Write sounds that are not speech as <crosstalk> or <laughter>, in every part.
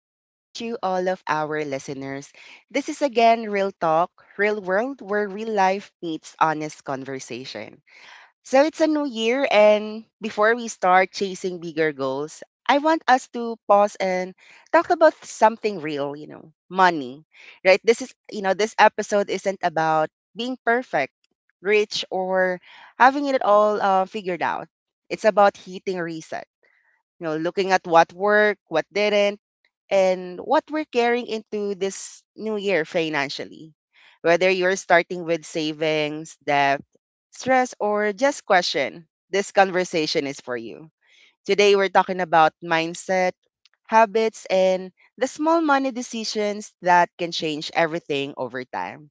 good evening to all of our listeners. This is again Real Talk, Real World, where real life meets honest conversation. So it's a new year, and before we start chasing bigger goals, I want us to pause and talk about something real, money, right? This is, you know, this episode isn't about being perfect, rich, or having it all figured out. It's about hitting reset, looking at what worked, what didn't, and what we're carrying into this new year financially. Whether you're starting with savings, debt, stress, or just question, this conversation is for you. Today, we're talking about mindset, habits, and the small money decisions that can change everything over time.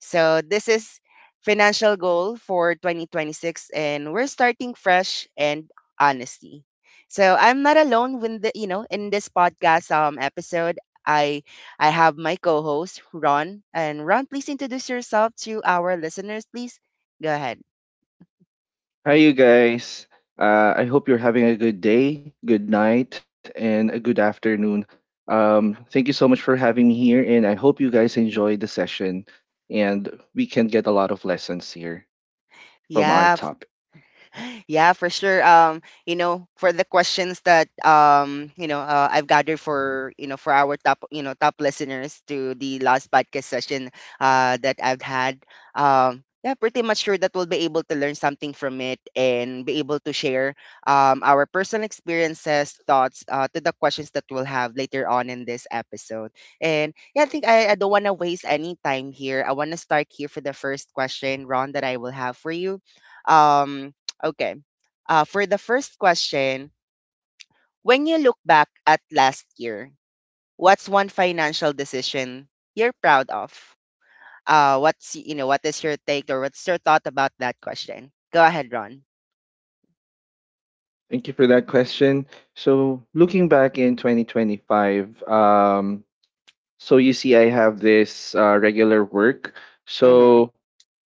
So, this is financial goal for 2026, and we're starting fresh and honesty. So, I'm not alone when the, you know in this podcast episode. I have my co-host Ron, and Ron, please introduce yourself to our listeners, please. Go ahead. Hi, you guys. I hope you're having a good day, good night, and a good afternoon. Thank you so much for having me here, and I hope you guys enjoy the session and we can get a lot of lessons here from Yeah, our topic. yeah, for sure. For the questions that I've gathered for our top you know top listeners to the last podcast session that I've had. Yeah, pretty much sure that we'll be able to learn something from it and be able to share our personal experiences, thoughts to the questions that we'll have later on in this episode. And yeah, I think I don't want to waste any time here. I want to start here for the first question, Ron, that I will have for you. Um, Okay. For the first question, when you look back at last year, what's one financial decision you're proud of? What is your take or what's your thought about that question? Go ahead, Ron. Thank you for Mm-hmm. that question. So, looking back in 2025, so you see, I have this regular work. Mm-hmm. So,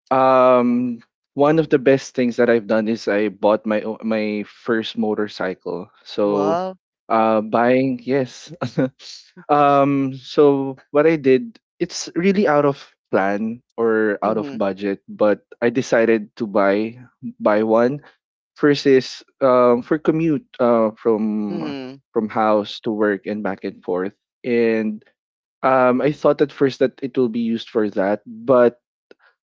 Um, One of the best things that I've done is I bought my first motorcycle. So, Well. Buying yes. <laughs> So what I did, it's really out of plan or out of Mm-hmm. budget, but I decided to buy one. First is for commute Mm-hmm. from house to work and back and forth, and I thought at first that it will be used for that, but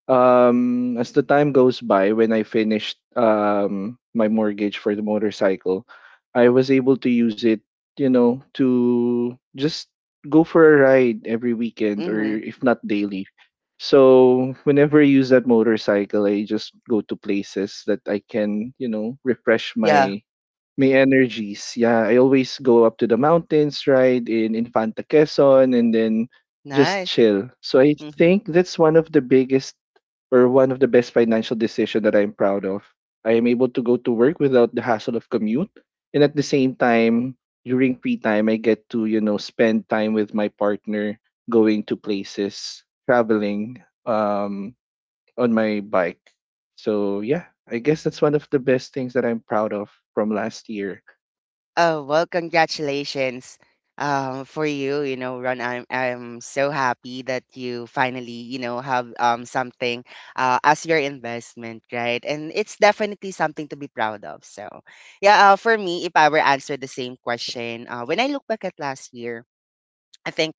as the time goes by, when I finished my mortgage for the motorcycle, I was able to use it, you know, to just go for a ride every weekend or Mm-hmm. if not daily. So whenever I use that motorcycle, I just go to places that I can, you know, refresh Yeah. my energies. Yeah, I always go up to the mountains, ride in Infanta Quezon, and then just Nice. chill. So I Mm-hmm. think that's one of the best financial decisions that I'm proud of. I am able to go to work without the hassle of commute. And at the same time, during free time, I get to, you know, spend time with my partner, going to places, traveling on my bike. So, yeah, I guess that's one of the best things that I'm proud of from last year. Oh, well, congratulations for you. You know, Ron, I'm so happy that you finally, have something as your investment, right? And it's definitely something to be proud of. So, yeah, for me, if I were answered the same question, when I look back at last year, I think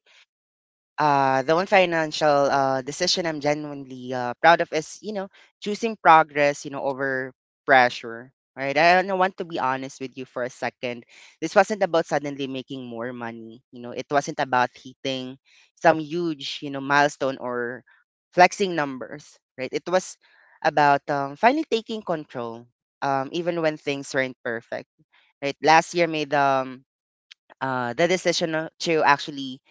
the one financial decision I'm genuinely proud of is, choosing progress, over pressure. Right. I don't want to be honest with you for a second. This wasn't about suddenly making more money. You know, it wasn't about hitting some huge, milestone or flexing numbers. Right. It was about finally taking control, even when things weren't perfect. Right. Last year made the decision to actually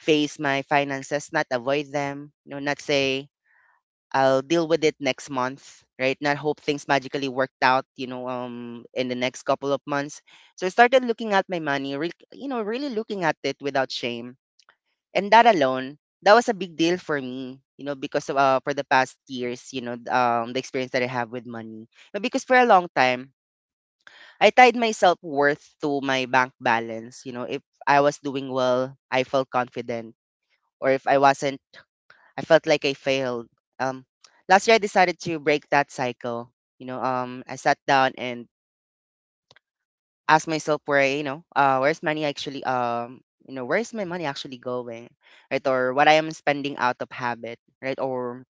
face my finances, not avoid them, not say I'll deal with it next month, right? Not hope things magically worked out, in the next couple of months. So I started looking at my money, really looking at it without shame. And that alone, that was a big deal for me, because of, for the past years, the experience that I have with money. But because for a long time, I tied my self worth to my bank balance. You know, if I was doing well, I felt confident. Or if I wasn't, I felt like I failed. Um, Last year I decided to break that cycle. You know, I sat down and asked myself where's my money actually going, right? Or what I am spending out of habit, right? Or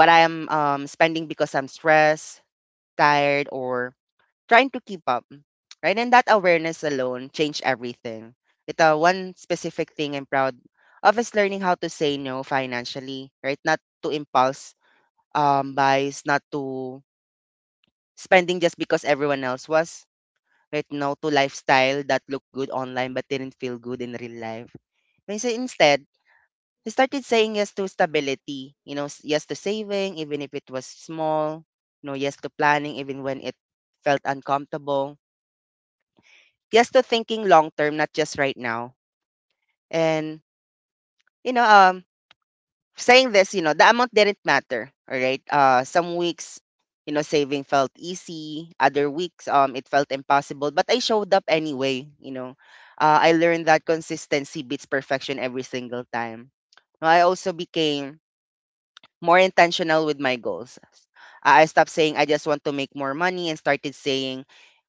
what I am spending because I'm stressed, tired, or trying to keep up, right? And that awareness alone changed everything. It one specific thing I'm proud of is learning how to say no financially, right? Not to impulse buys, not to spending just because everyone else was. Right now, to lifestyle that looked good online but didn't feel good in real life. And so instead, I started saying yes to stability. You know, yes to saving, even if it was small. You know, yes to planning, even when it felt uncomfortable. Yes to thinking long term, not just right now. And you know, um, saying this, the amount didn't matter. All right. Some weeks, saving felt easy. Other weeks, it felt impossible. But I showed up anyway. You know, I learned that consistency beats perfection every single time. I also became more intentional with my goals. I stopped saying I just want to make more money and started saying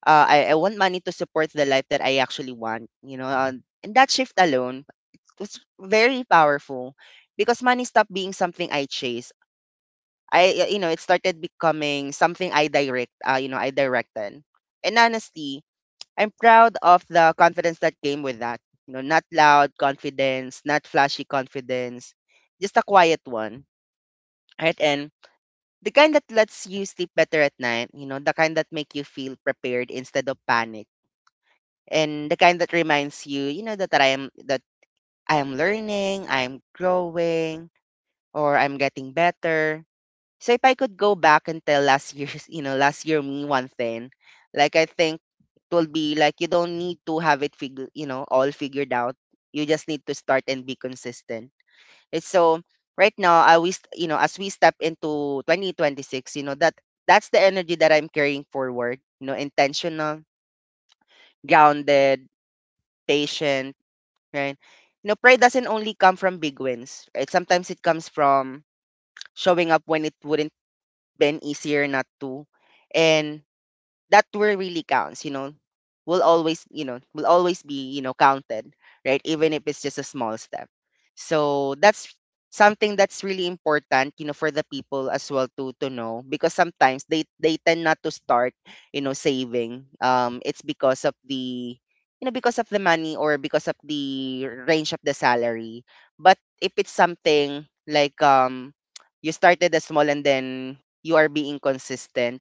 I want money to support the life that I actually want. You know, and that shift alone was very powerful because money stopped being something I chase. I you know it started becoming something I direct. You know, I directed. And honestly, I'm proud of the confidence that came with that. You know, not loud confidence, not flashy confidence, just a quiet one. Right? And the kind that lets you sleep better at night, the kind that make you feel prepared instead of panic. And the kind that reminds you, that I am learning, I'm growing, or I'm getting better. So if I could go back and tell last year's, <laughs> last year me one thing, like I think it will be like you don't need to have it all figured out. You just need to start and be consistent it's so Right now, I we st- you know as we step into 2026, that that's the energy that I'm carrying forward. You know, intentional, grounded, patient, right? You know, pride doesn't only come from big wins. Right? Sometimes it comes from showing up when it wouldn't been easier not to, and that tour really counts, will always, will always be, counted, right? Even if it's just a small step. So that's something that's really important, for the people as well to know because sometimes they tend not to start, saving. It's because of the money or because of the range of the salary. But if it's something like you started as small and then you are being consistent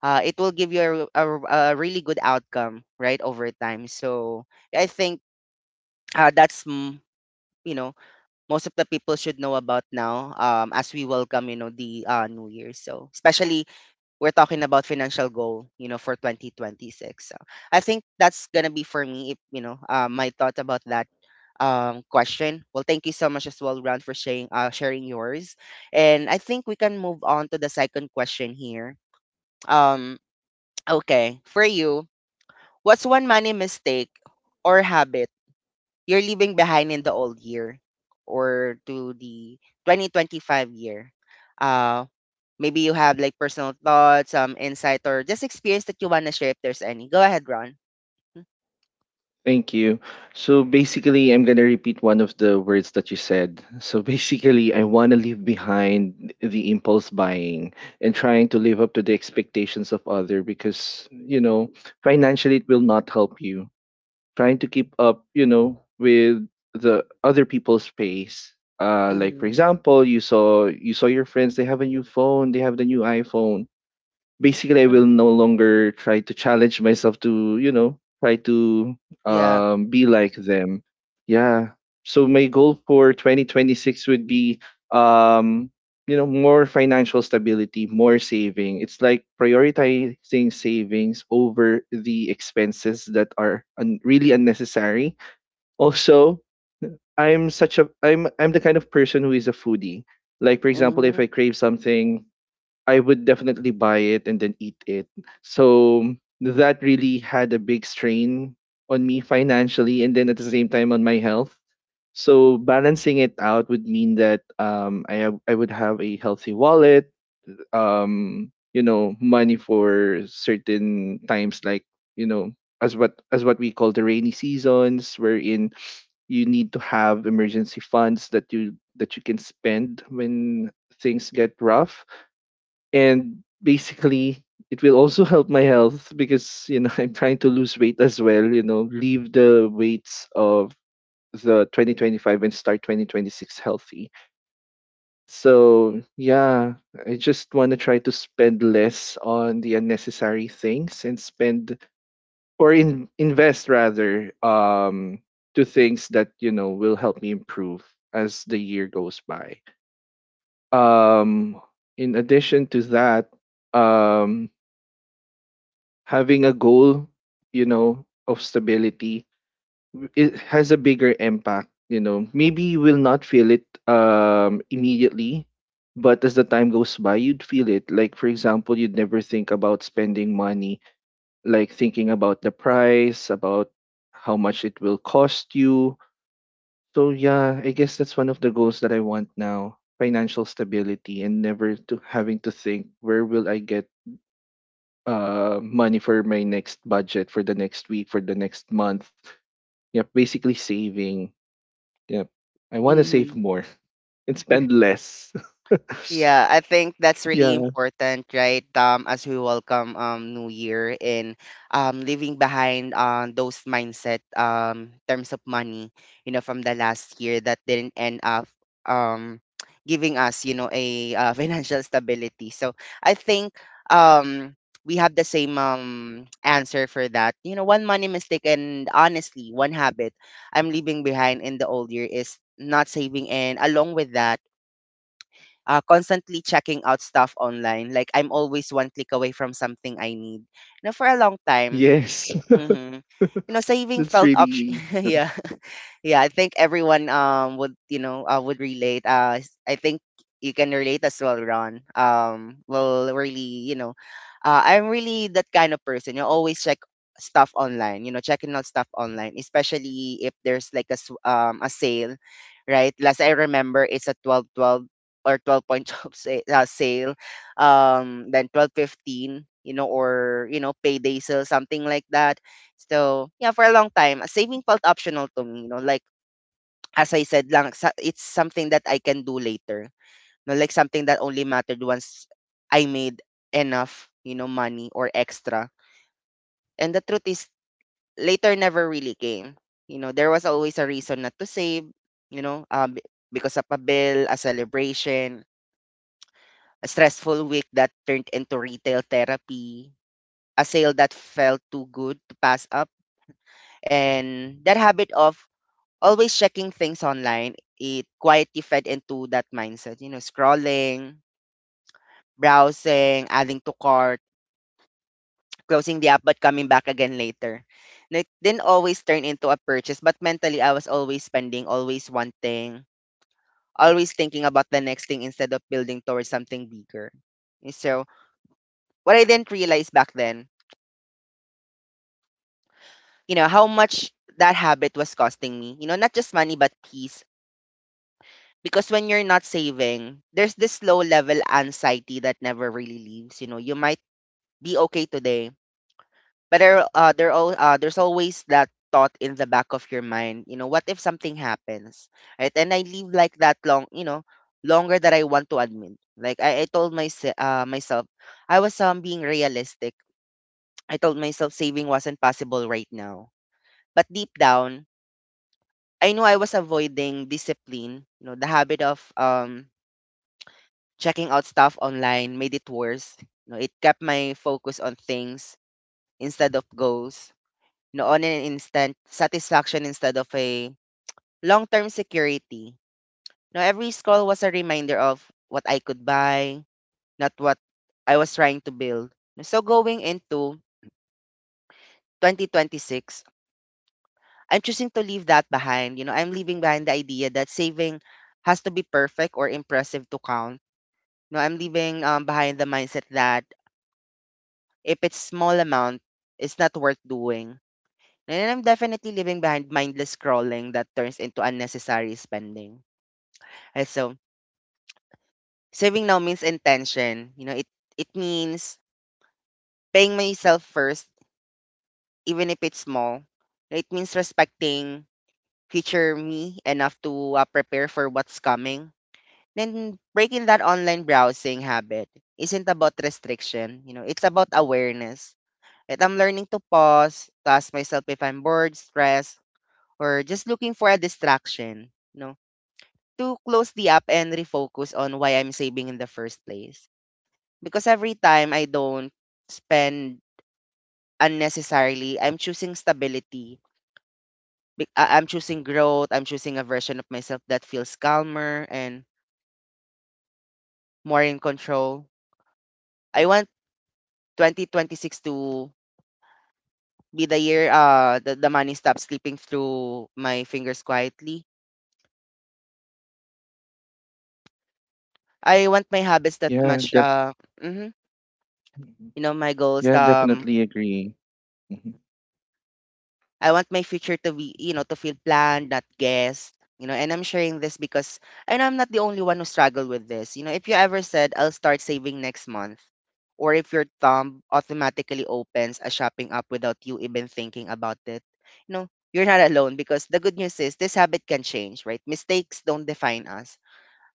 it will give you a really good outcome right over time. So I think that's mm, you know most of the people should know about now, as we welcome the new year. So especially we're talking about financial goal for 2026. So I think that's gonna be for me, if you know my thought about that question. Well, thank you so much as well, Ron, for sharing yours. And I think we can move on to the second question here. um okay. For you, what's one money mistake or habit you're leaving behind in the old year or to the 2025 year? Uh, Maybe you have like personal thoughts, some insight, or just experience that you want to share if there's any. Go ahead, Ron. Thank you. So basically, I'm going to repeat one of the words that you said. So <laughs> basically, I want to leave behind the impulse buying and trying to live up to the expectations of other because, you know, financially it will not help you. Trying to keep up, you know, with the other people's pace. Like for Mm-hmm. example, you saw your friends. They have a new phone. They have the new iPhone basically I will no longer try to challenge myself to, you know, try to Yeah. Be like them. Yeah. So my goal for 2026 would be um you know more financial stability, more saving. It's like prioritizing savings over the expenses that are really unnecessary. Also, I'm such a I'm the kind of person who is a foodie. Like for example, if Mm-hmm. I crave something I would definitely buy it and then eat it. So that really had a big strain on me financially and then at the same time on my health. So balancing it out would mean that I would have a healthy wallet, you know, money for certain times like you know as what we call the rainy seasons, wherein you need to have emergency funds that you can spend when things get rough and basically it will also help my health because you know <laughs> I'm trying to lose weight as well, you know, leave the weights of the 2025 and start 2026 healthy. So, yeah, I just want to try to spend less on the unnecessary things and spend invest rather to things that, you know, will help me improve as the year goes by. Um in addition to that, um having a goal, you know, of stability it has a bigger impact, you know. Maybe you will not feel it immediately, but as the time goes by, you'd feel it. Like for example, you'd never think about spending money, like thinking about the price, about how much it will cost you. So yeah, I guess that's one of the goals that I want now. Financial stability and never to having to think where will I get money for my next budget for the next week for the next month. Yep, basically saving. Yep, I want to save Mm-hmm. more <laughs> and spend less. <laughs> Yeah, I think that's really yeah. important, right? As we welcome New Year and leaving behind those mindset terms of money, from the last year that didn't end up um <tsk> giving us, a <laughs> financial stability. So I think um we have the same <tsk> answer for that. You know, one money mistake and honestly, one habit I'm leaving behind in the old year is not saving, and along with that constantly checking out stuff online. Like I'm always one click away from something I need. Now for a long time, Yes. hmm you know, <laughs> saving That's felt option. really. <laughs> Yeah, yeah, I think everyone would you know would relate. I think you can relate as well, Ron. Well, really, I'm really that kind of person. You always check stuff online. You know, checking out stuff online, especially if there's like a sale, right? Last I remember, it's a 12.12 or twelve point <laughs> twelve sale. Then 12.15. You know, or payday sale, something like that. So yeah, for a long time, saving felt optional to me. You know, like as I said lang, sa it's something that I can do later. No, like something that only mattered once I made enough, money or extra. And the truth is, later never really came. You know, there was always a reason not to save, you know, um, because of a bill, a celebration, a stressful week that turned into retail therapy, a sale that felt too good to pass up. And that habit of always checking things online, it quietly fed into that mindset, you know, scrolling, browsing, adding to cart, closing the app but coming back again later. Like didn't always turn into a purchase, but mentally I was always spending, always wanting, always thinking about the next thing instead of building towards something bigger. And so what I didn't realize back then, you know, how much that habit was costing me. You know, not just money but peace, because when you're not saving, there's this low level anxiety that never really leaves. You know, you might be okay today, but there's always that thought in the back of your mind. You know, what if something happens, right? And I live like that long, you know, longer than I want to admit. Like I told myself, I was being realistic. I told myself saving wasn't possible right now, but deep down, I knew I was avoiding discipline. You know, the habit of checking out stuff online made it worse. You know, it kept my focus on things instead of goals. You know, on an instant satisfaction instead of a long-term security. You know, every scroll was a reminder of what I could buy, not what I was trying to build. So going into 2026, I'm choosing to leave that behind. You know, I'm leaving behind the idea that saving has to be perfect or impressive to count. No, I'm leaving behind the mindset that if it's small amount, it's not worth doing. And I'm definitely leaving behind mindless scrolling that turns into unnecessary spending. Also, saving now means intention. You know, it means paying myself first, even if it's small. It means respecting future me enough to prepare for what's coming. Then breaking that online browsing habit isn't about restriction. You know, it's about awareness. And I'm learning to pause, to ask myself if I'm bored, stressed, or just looking for a distraction, you know, to close the app and refocus on why I'm saving in the first place. Because every time I don't spend unnecessarily, I'm choosing stability. I'm choosing growth. I'm choosing a version of myself that feels calmer and more in control. I want 2026 to be the year the money stops slipping through my fingers quietly. I want my habits that Yeah. match Def- mhm, Mhm. you know my goals yeah. Definitely agree. Mhm. I want my future to be, you know, to feel planned, not guessed. You know, and I'm sharing this because I know I'm not the only one who struggled with this. You know, if you ever said I'll start saving next month, or if your thumb automatically opens a shopping app without you even thinking about it, you know, you're not alone, because the good news is this habit can change, right? Mistakes don't define us.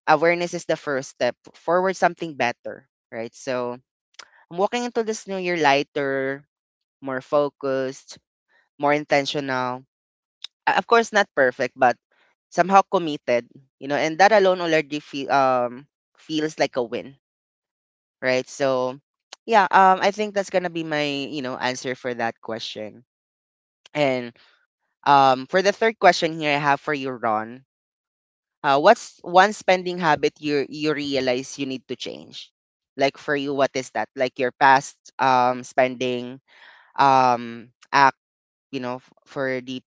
Awareness is the first step forward something better, right? So I'm walking into this new year lighter, more focused, more intentional, of course not perfect but somehow committed, you know, and that alone already feels like a win, right? So yeah, I think that's gonna be my, you know, answer for that question. And for the third question here I have for you, Ron, what's one spending habit you realize you need to change? Like for you, what is that? Like your past spending, um you know, for the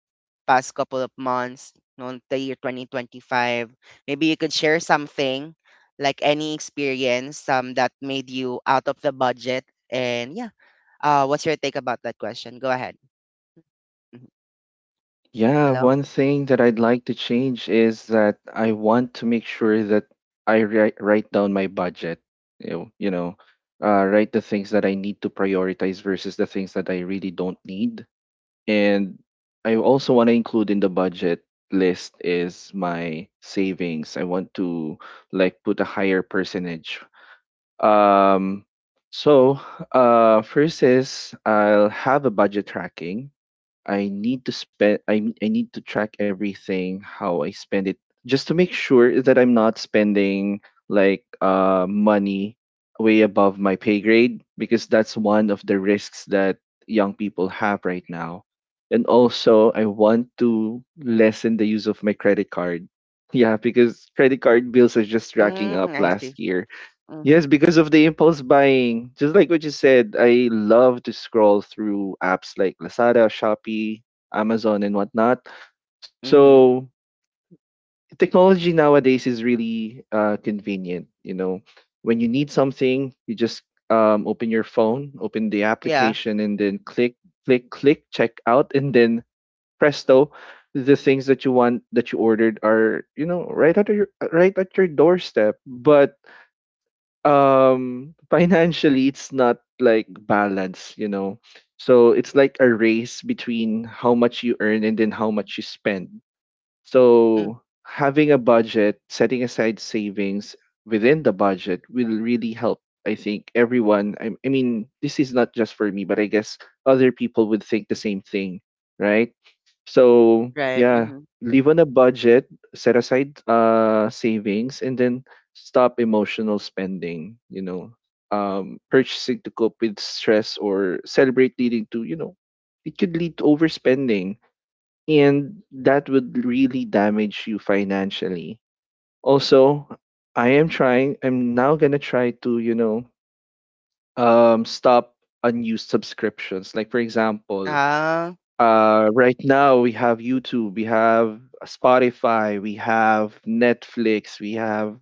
past couple of months, you know, the year 2025. Maybe you could share something like any experience that made you out of the budget. And yeah, what's your take about that question? Go ahead. Mhm. Yeah. Hello? One thing that I'd like to change is that I want to make sure that I write down my budget. You know, you know, write the things that I need to prioritize versus the things that I really don't need. And I also want to include in the budget list is my savings. I want to like put a higher percentage. Um so first is I'll have a budget tracking. I need to spend I need to track everything how I spend it just to make sure that I'm not spending like money way above my pay grade because that's one of the risks that young people have right now. And also I want to lessen the use of my credit card. Yeah, because credit card bills are just racking Mm, up I see. last year. Mm-hmm. Yes, because of the impulse buying. Just like what you said, I love to scroll through apps like Lazada, Shopee, Amazon, and whatnot. Mm-hmm. So technology nowadays is really convenient. You know, when you need something, you just open your phone, open the Yeah. application, and then click, click, click, check out, and then presto, the things that you want that you ordered are you know right at your doorstep. But <laughs> financially it's not like balance you know so it's like a race between how much you earn and then how much you spend. Mm, So having a budget, setting aside savings within the budget will really help. I think everyone, I mean, this is not just for me, but I guess other people would think the same thing, right? So, right. yeah, Mm-hmm. live on a budget, set aside savings, and then stop emotional spending, you know, purchasing to cope with stress or celebrate leading to, you know, it could lead to overspending and that would really damage you financially. Also, I'm now going to try to, you know, stop unused subscriptions. Like, for example, Ah. Right now we have YouTube, we have Spotify, we have Netflix, we have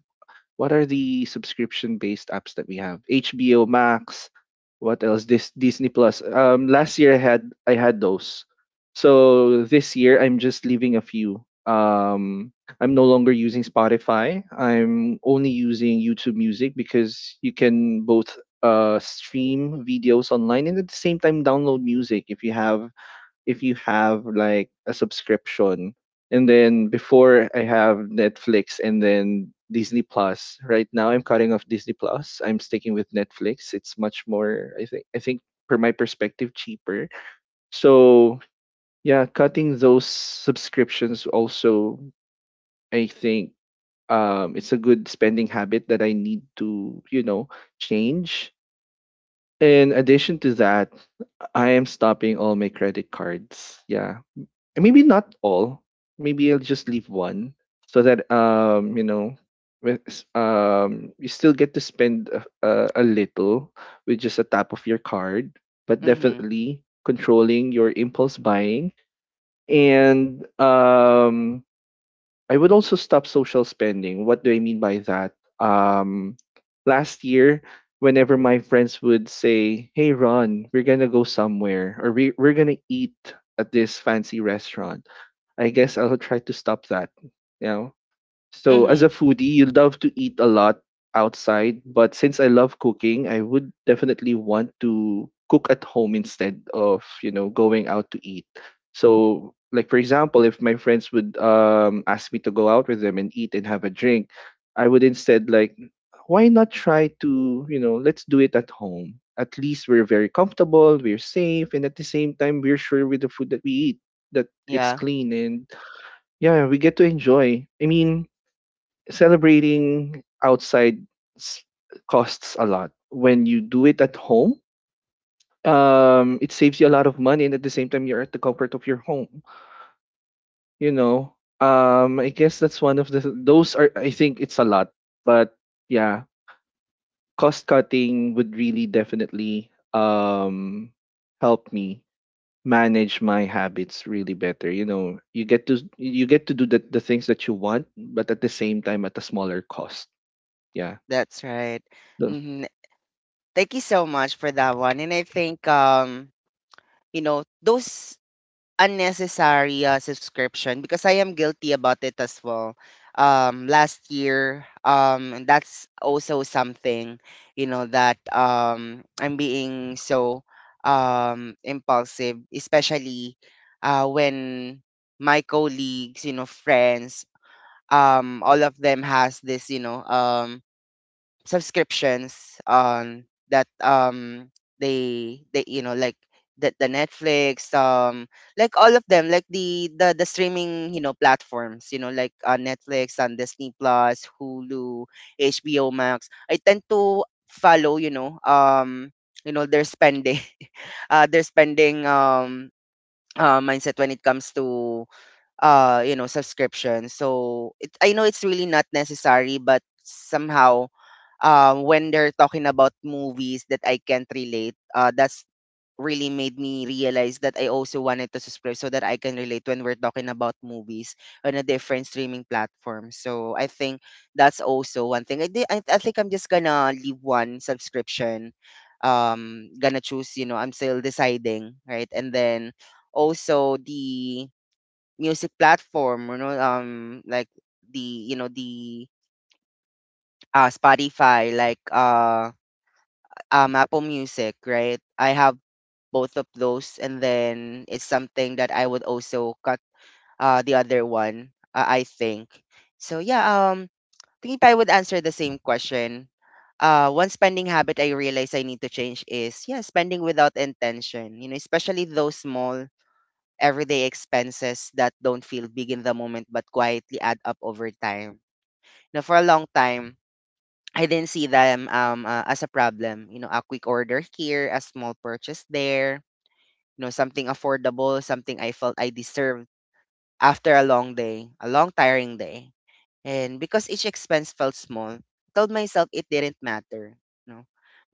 what are the subscription based apps that we have? HBO Max, what else? This Disney Plus. Last year I had those. So this year I'm just leaving a few. I'm no longer using Spotify. I'm only using YouTube Music because you can both stream videos online and at the same time download music if you have like a subscription. And then before I have Netflix and then Disney Plus, right now I'm cutting off Disney Plus. I'm sticking with Netflix. It's much more, I think from my perspective cheaper. So yeah, cutting those subscriptions also, I think it's a good spending habit that I need to, you know, change. In addition to that, I am stopping all my credit cards, yeah. And maybe not all. Maybe I'll just leave one so that you know you still get to spend a little with just a tap of your card, but Mm-hmm. definitely controlling your impulse buying and I would also stop social spending. What do I mean by that? Last year whenever my friends would say, "Hey Ron, we're going to go somewhere or we're going to eat at this fancy restaurant." I guess I'll try to stop that. You know? So as a Mm-hmm. foodie, you love to eat a lot outside, but since I love cooking, I would definitely want to cook at home instead of, you know, going out to eat. So like for example, if my friends would ask me to go out with them and eat and have a drink, I would instead like why not try to, you know, let's do it at home. At least we're very comfortable, we're safe, and at the same time we're sure with the food that we eat that it's Yeah, clean and yeah, yeah, we get to enjoy. I mean, celebrating outside s- costs a lot. When you do it at home, it saves you a lot of money, and at the same time, you're at the comfort of your home. You know, I guess that's one of the those are. I think it's a lot, but yeah, cost cutting would really definitely help me manage my habits really better. You know, you get to do the things that you want, but at the same time at a smaller cost, yeah. that's right. So- Hmm. Thank you so much for that one. And I think you know, those unnecessary subscription, because I am guilty about it as well. Last year, and that's also something, you know, that I'm being so impulsive, especially when my colleagues, you know, friends, all of them has this, you know, subscriptions that they you know like the Netflix like all of them like the streaming you know platforms, you know, like Netflix and Disney Plus, Hulu, HBO Max. I tend to follow, you know, you know their spending <laughs> their spending, mindset when it comes to you know subscription. So it, I know it's really not necessary, but somehow when they're talking about movies that I can't relate, that's really made me realize that I also wanted to subscribe so that I can relate when we're talking about movies on a different streaming platform. So I think that's also one thing I think I'm just gonna leave one subscription, gonna choose, you know, I'm still deciding, right? And then also the music platform, you know, like the you know the Spotify, like Apple Music, right? I have both of those, and then it's something that I would also cut the other one, I think. So yeah, um, I think if I would answer the same question. One spending habit I realize I need to change is yeah, spending without intention. You know, especially those small everyday expenses that don't feel big in the moment but quietly add up over time. Now for a long time, I didn't see them as a problem. You know, a quick order here, a small purchase there, you know, something affordable, something I felt I deserved after a long day, a long tiring day. And because each expense felt small, I told myself it didn't matter, you know.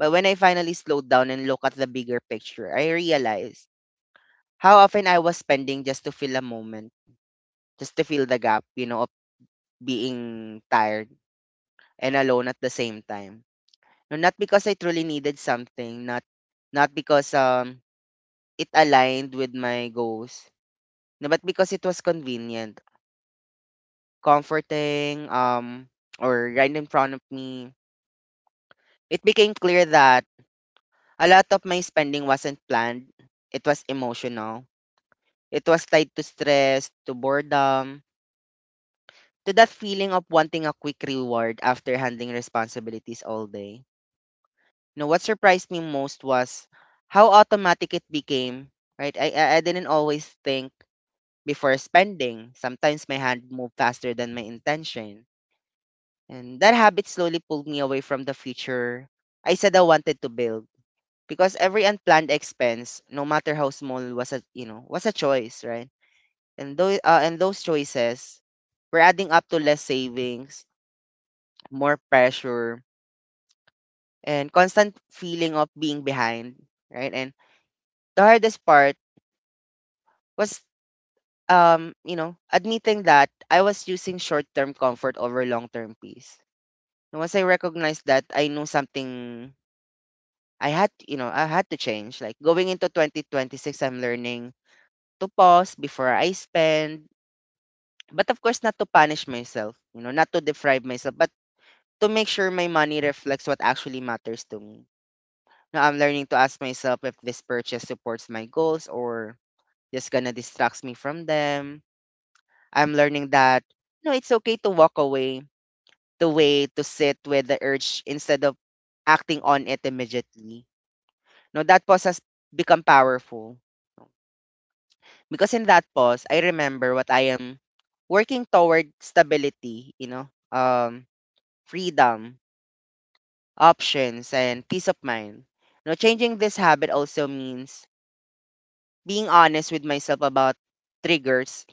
But when I finally slowed down and looked at the bigger picture, I realized how often I was spending just to fill a moment, just to fill the gap, you know, of being tired and alone at the same time. No, not because I truly needed something, not not because it aligned with my goals, no, but because it was convenient, comforting, or right in front of me. It became clear that a lot of my spending wasn't planned. It was emotional. It was tied to stress, to boredom, to that feeling of wanting a quick reward after handling responsibilities all day. No, what surprised me most was how automatic it became, right? I didn't always think before spending. Sometimes my hand moved faster than my intention. And that habit slowly pulled me away from the future I said I wanted to build. Because every unplanned expense, no matter how small, was a you know was a choice, right? And those choices were adding up to less savings, more pressure, and constant feeling of being behind, right? And the hardest part was you know admitting that I was using short-term comfort over long-term peace. And once I recognized that, I knew something I had, you know, I had to change. Like going into 2026, I'm learning to pause before I spend, but of course not to punish myself, you know, not to deprive myself, but to make sure my money reflects what actually matters to me. Now I'm learning to ask myself if this purchase supports my goals or just gonna distracts me from them. I'm learning that no, it's okay to walk away, to wait, to sit with the urge instead of acting on it immediately. No, that pause has become powerful because in that pause, I remember what I am working toward stability, you know, freedom, options, and peace of mind. Now, changing this habit also means being honest with myself about triggers.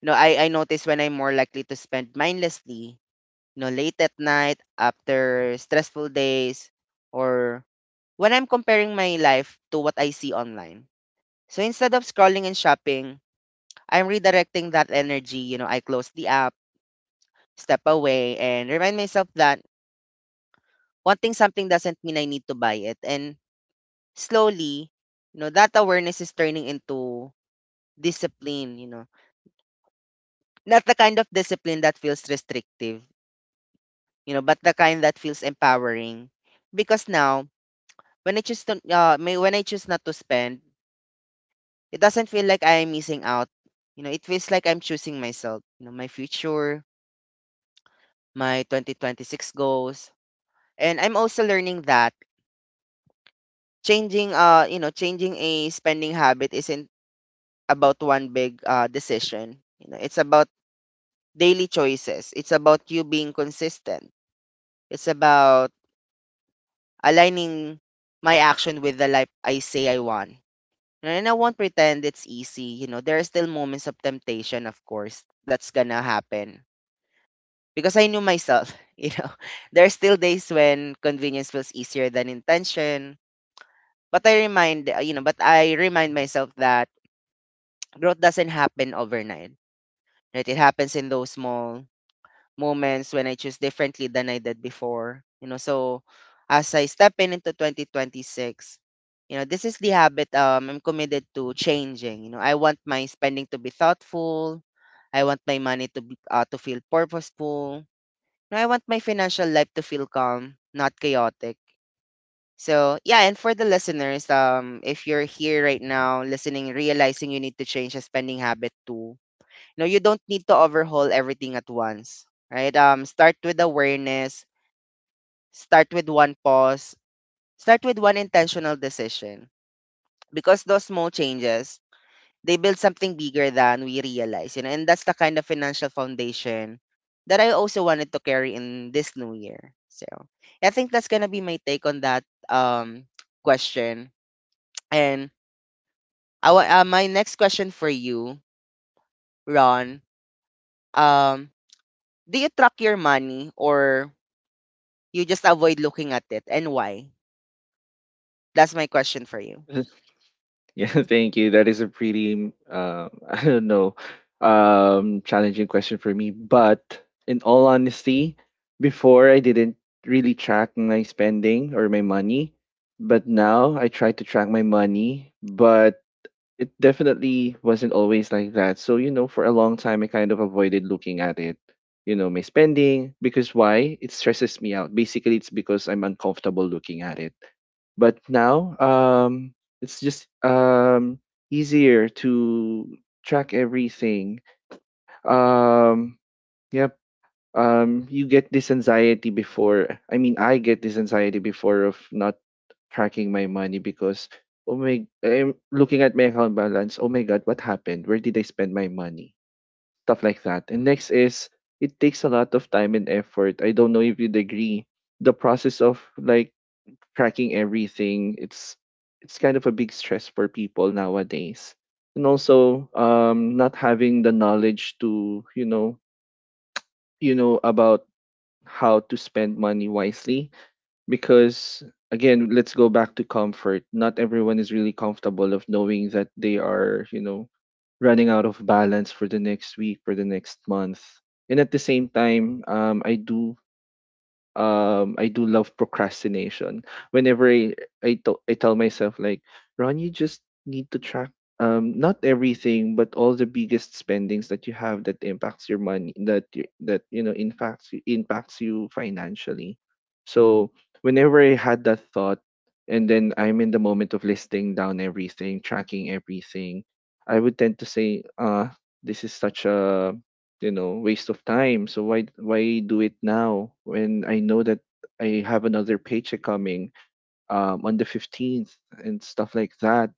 You know, I notice when I'm more likely to spend mindlessly, you know, late at night after stressful days or when I'm comparing my life to what I see online. So instead of scrolling and shopping, I'm redirecting that energy. You know, I close the app, step away, and remind myself that wanting something doesn't mean I need to buy it. And slowly, you know, that awareness is turning into discipline, you know. Not the kind of discipline that feels restrictive, you know, but the kind that feels empowering. Because now when I choose to may when I choose not to spend, it doesn't feel like I am missing out. You know, it feels like I'm choosing myself, you know, my future, my 2026 goals. And I'm also learning that changing you know, changing a spending habit isn't about one big decision. You know, it's about daily choices. It's about you being consistent. It's about aligning my action with the life I say I want. And I won't pretend it's easy. You know, there are still moments of temptation, of course, that's gonna happen. Because I knew myself, <laughs> you know, there are still days when convenience feels easier than intention. But I remind, you know, but I remind myself that <tsk> growth doesn't happen overnight, right? It happens in those small moments when I choose differently than I did before. You know, so as I step in into 2026, you know, this is the habit I'm committed to changing. You know, I want my spending to be thoughtful. I want my money to feel purposeful. And I want my financial life to feel calm, not chaotic. So yeah, and for the listeners, if you're here right now listening, realizing you need to change a spending habit too, no, you don't need to overhaul everything at once, right? Start with awareness, start with one pause, start with one intentional decision, because those small changes they build something bigger than we realize, you know, and that's the kind of financial foundation that I also wanted to carry in this new year. So I think that's gonna be my take on that question. And my next question for you, Ron, um, do you track your money, or you just avoid looking at it, and why? That's my question for you. <laughs> yeah, thank you. That is a pretty <laughs> I don't know, challenging question for me, but in all honesty, before I didn't really track my spending or my money, but now I try to track my money. But it definitely wasn't always like that. So, you know, for a long time, I kind of avoided looking at it, you know, my spending, because why? It stresses me out. Basically, it's because I'm uncomfortable looking at it. But now, it's just easier to track everything. Um, yep. You get this anxiety before. I mean, I get this anxiety before of not tracking my money, because oh my, I'm looking at my account balance, oh my god, what happened? Where did I spend my money? Stuff like that. And next is, it takes a lot of time and effort. I don't know if you'd agree. The process of like tracking everything, it's kind of a big stress for people nowadays. And also not having the knowledge to, you know, about how to spend money wisely, because again, let's go back to comfort. Not everyone is really comfortable of knowing that they are, you know, running out of balance for the next week, for the next month. And at the same time, I do love procrastination. Whenever I I tell myself like, Ron, you just need to track, not everything, but all the biggest spendings that you have that impacts your money, that you know, impacts you financially. So whenever I had that thought and then I'm in the moment of listing down everything, tracking everything, I would tend to say, this is such a, you know, waste of time. So why do it now when I know that I have another paycheck coming on the 15th and stuff like that.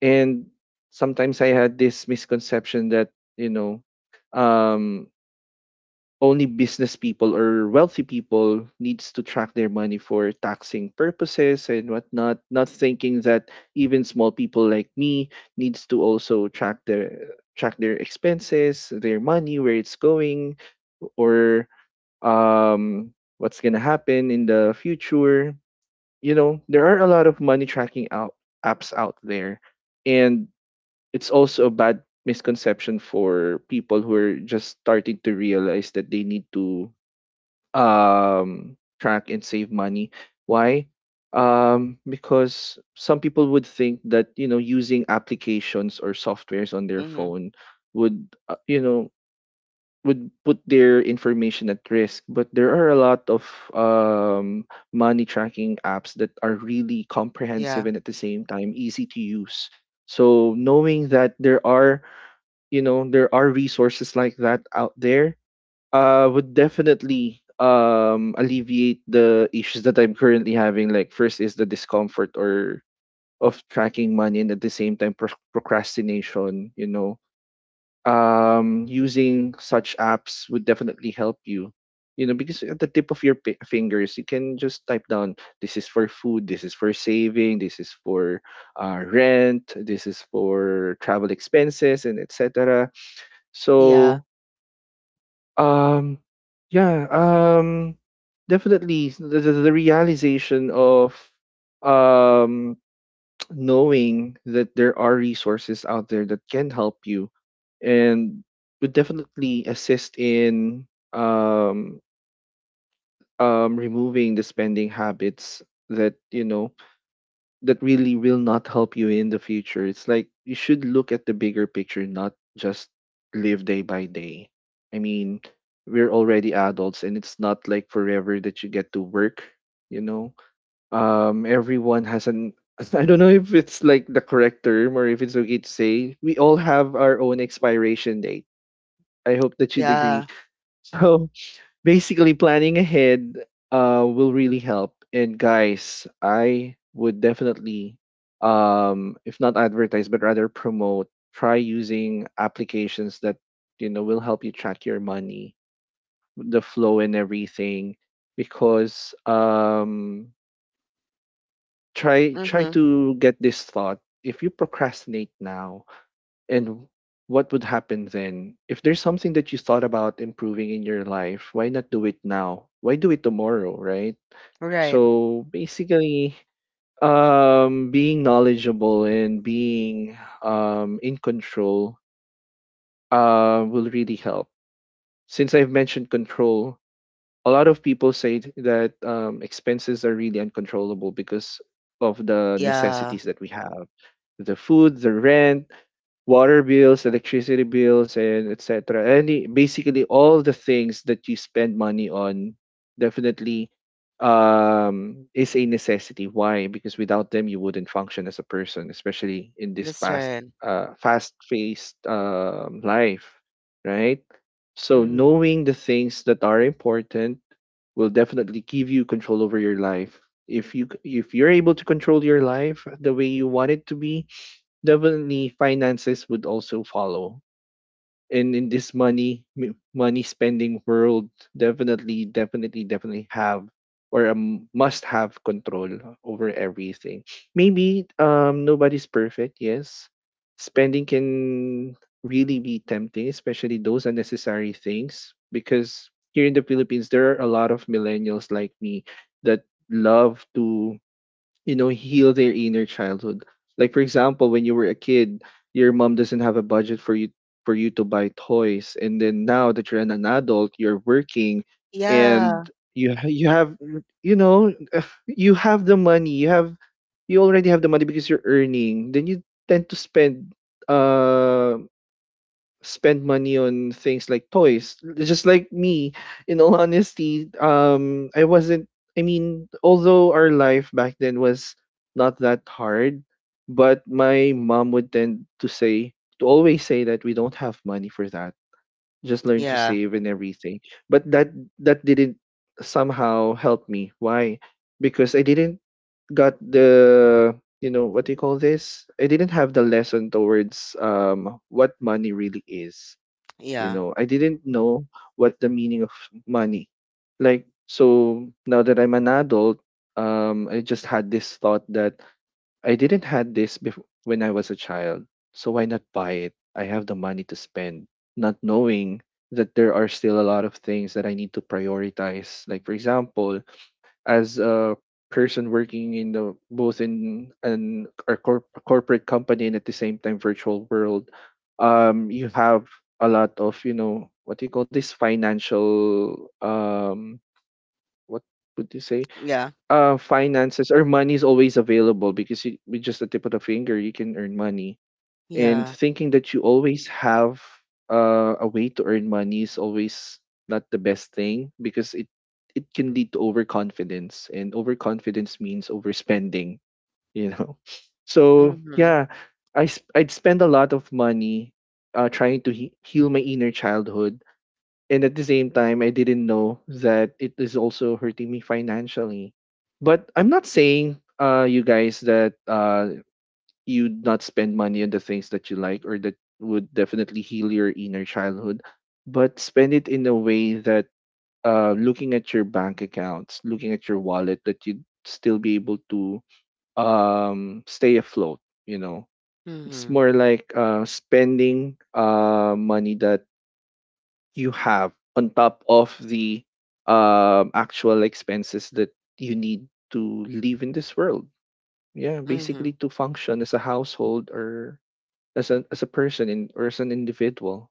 And sometimes I had this misconception that, you know, um only business people or wealthy people needs to track their money for taxing purposes and whatnot, not thinking that even small people like me needs to also track their expenses, their money, where it's going, or um what's going to happen in the future. You know, there are a lot of money tracking out apps out there. And it's also a bad misconception for people who are just starting to realize that they need to track and save money. Why? Because some people would think that, you know, using applications or softwares on their Mm-hmm. phone would would put their information at risk. But there are a lot of um money tracking apps that are really Yeah. comprehensive and at the same time easy to use. So knowing that there are, you know, there are resources like that out there would definitely alleviate the issues that I'm currently having. Like first is the discomfort or of tracking money, and at the same time procrastination, you know. Using such apps would definitely help you. You know, because at the tip of your pi fingers, you can just type down, this is for food, this is for saving, this is for rent, this is for travel expenses, and etc. Yeah. So um, yeah, um, definitely the realization of um <tsk> knowing that there are resources out there that can help you, and would definitely assist in um removing the spending habits that, you know, that really will not help you in the future. It's like you should look at the bigger picture, not just live day by day. I mean, we're already adults and it's not like forever that you get to work, you know? Everyone has an, <laughs> I don't know if it's like the correct term or if it's okay to say, we all have our own expiration date. I hope that you'd agree. Yeah. <laughs> So basically planning ahead will really help. And guys, I would definitely, if not advertise but rather promote, try using applications that, you know, will help you track your money, the flow and everything, because try Mm-hmm. to get this thought: if you procrastinate now, and what would happen then? If there's something that you thought about improving in your life, why not do it now? Why do it tomorrow, right? Right. So basically, being knowledgeable and being in control will really help. Since I've mentioned control, a lot of people say that, expenses are really uncontrollable because of the Yeah. necessities that we have: the food, the rent, water bills, electricity bills, and etc. Any basically all the things that you spend money on definitely is a necessity. Why? Because without them you wouldn't function as a person, especially in this That's past right. Fast paced life, right? So Mm-hmm. knowing the things that are important will definitely give you control over your life. If you c- if you're able to control your life the way you want it to be, definitely finances would also follow. And in this money spending world, definitely have, or must have, control over everything. Maybe nobody's perfect, yes. Spending can really be tempting, especially those unnecessary things, because here in the Philippines there are a lot of millennials like me that love to, you know, heal their inner childhood. Like for example, when you were a kid, your mom doesn't have a budget for you, for you to buy toys. And then now that you're an adult, you're working, and Yeah. You have, you know, <sighs> <laughs> you have the money you already have the money because you're earning, then you tend to spend um spend money on things like toys. Just like me, in all honesty, I wasn't. I mean, although our life back then was not that hard, but my mom would tend to say to always say that we don't have money for that. Just learn to Yeah. save and everything. But that didn't somehow help me. Why? Because I didn't got the, you know, what do you call this? I didn't have the lesson towards what money really is. You Yeah. know, I didn't know what the meaning of money, like. So now that I'm an adult, I just had this thought that I didn't had this before when I was a child, so why not buy it, I have the money to spend, not knowing that there are still a lot of things that I need to prioritize. Like for example, as a person working in the both in an a, corp, a corporate company and at the same time virtual world, you have a lot of, you know, what do you call this, financial, what would you say, Yeah. Finances or money is always available, because you, with just the tip of the finger you can earn money. And Yeah. thinking that you always have a way to earn money is always not the best thing, because it can lead to overconfidence, and overconfidence means overspending, you know. <laughs> So Mm-hmm. yeah, I'd spend a lot of money trying to heal my inner childhood, and at the same time I didn't know that it is also hurting me financially. But I'm not saying, you guys, that you'd not spend money on the things that you like or that would definitely heal your inner childhood, but spend it in a way that, looking at your bank accounts, looking at your wallet, that you'd still be able to stay afloat. You know, it's Mm-hmm. more like spending money that you have on top of the actual expenses that you need to live in this world. Yeah, basically Mm-hmm. to function as a household, or as a person in, or as an individual.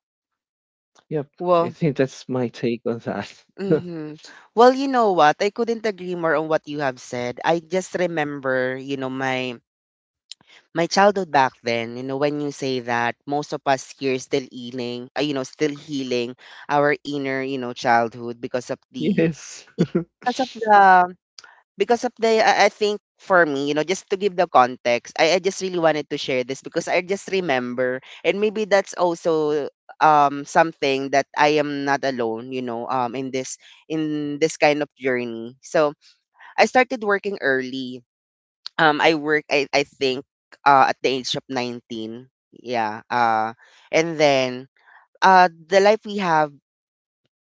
Yep, I Well, think that's my take on that. <laughs> mhm. Well, you know what? I couldn't agree more on what you have said. I just remember, you know, my childhood back then, you know, when you say that most of us here still healing, you know, still healing our inner, you know, childhood because of the Yes, because of the because of the I think for me, you know, just to give the context, I just really wanted to share this because I just remember, and maybe that's also something that I am not alone, you know, in this kind of journey. So I started working early. I work I think at the age of 19. Yeah. And then the life we have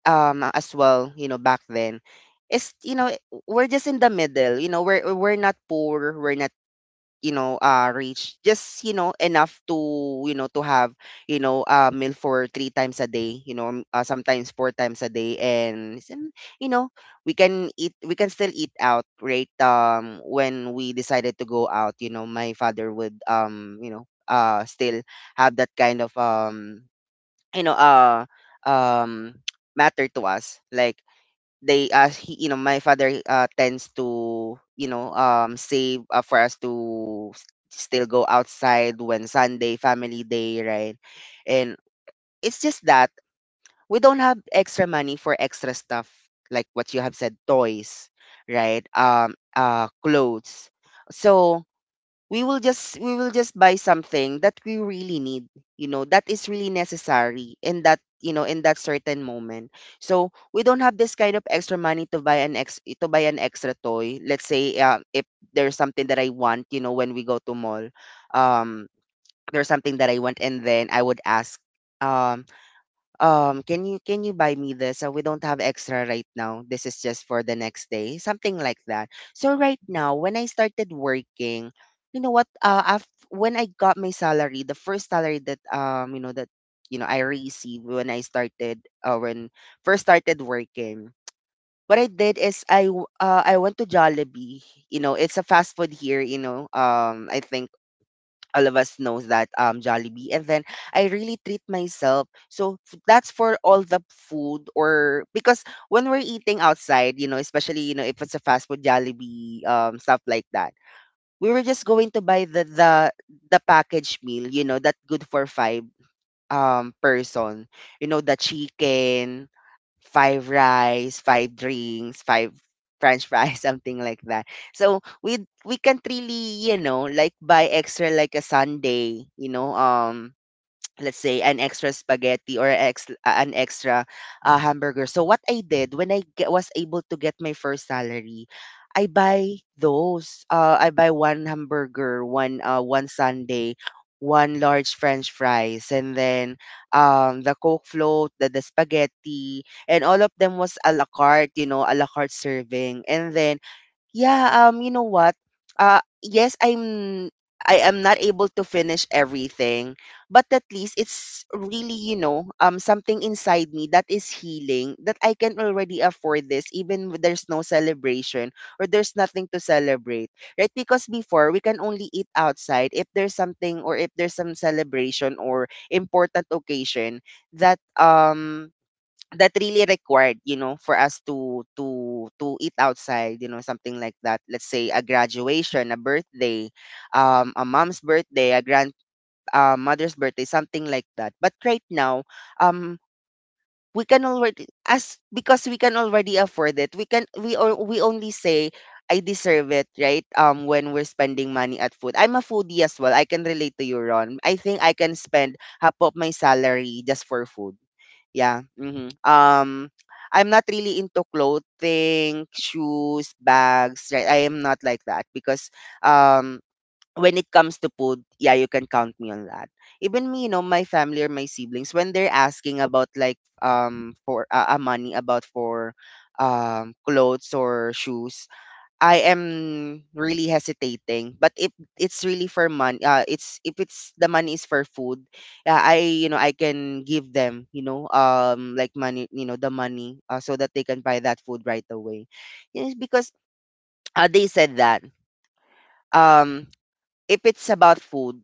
as well, you know, back then is, you know, we're just in the middle, you know, we're not poor, we're not, you know, rich, just, you know, enough to, you know, to have, you know, a meal for three times a day, you know, sometimes four times a day, and you know, we can eat, we can still eat out, right? When we decided to go out, you know, my father would you know, still have that kind of you know, um <tsk> matter to us, like they ask he, you know, my father tends to, you know, save, for us to still go outside when Sunday family day, right? And it's just that we don't have extra money for extra stuff, like what you have said, toys, right? Clothes. So we will just buy something that we really need, you know, that is really necessary in that, you know, in that certain moment. So we don't have this kind of extra money to buy an extra toy. Let's say, if there's something that I want, you know, when we go to mall, um there's something that I want, and then I would ask um can you, can you buy me this? We don't have extra right now, this is just for the next day, something like that. So right now, when I started working, you know what, when I got my salary, the first salary that, you know, that, you know, I received when I started, when first started working, what I did is I went to Jollibee. You know, it's a fast food here, you know, I think all of us knows that, Jollibee. And then I really treat myself, so that's for all the food or because when we're eating outside, you know, especially, you know, if it's a fast food, Jollibee, stuff like that, we were just going to buy the package meal, you know, that good for five person, you know, the chicken, five rice, five drinks, five french fries, <laughs> something like that. So we can't really, you know, like buy extra, like a Sunday, you know, let's say an extra spaghetti, or an extra hamburger. So what I did when I was able to get my first salary, I buy those. I buy one hamburger, one sundae, one large French fries, and then the Coke float, the spaghetti, and all of them was a la carte, you know, a la carte serving. And then yeah, you know what? Yes, I am not able to finish everything, but at least it's really, you know, something inside me that is healing, that I can already afford this even when there's no celebration or there's nothing to celebrate. Right? Because before, we can only eat outside if there's something, or if there's some celebration or important occasion that that really required, you know, for us to to eat outside, you know, something like that. Let's say a graduation, a birthday, a mom's birthday, a grand mother's birthday, something like that. But right now, um we can already, as because we can already afford it, we can we or we only say I deserve it, right? When we're spending money at food, I'm a foodie as well. I can relate to you, Ron. I think I can spend half of my salary just for food. Yeah, mhm. I'm not really into clothing, shoes, bags, right? I am not like that because, um when it comes to food, yeah, you can count me on that. Even me, you know, my family or my siblings, when they're asking about like for money about for clothes or shoes, I am really hesitating. But if it's really for money, it's if it's the money is for food, yeah, I, you know, I can give them, you know, like money, you know, the money, so that they can buy that food right away. Yes, because, they said that um if it's about food,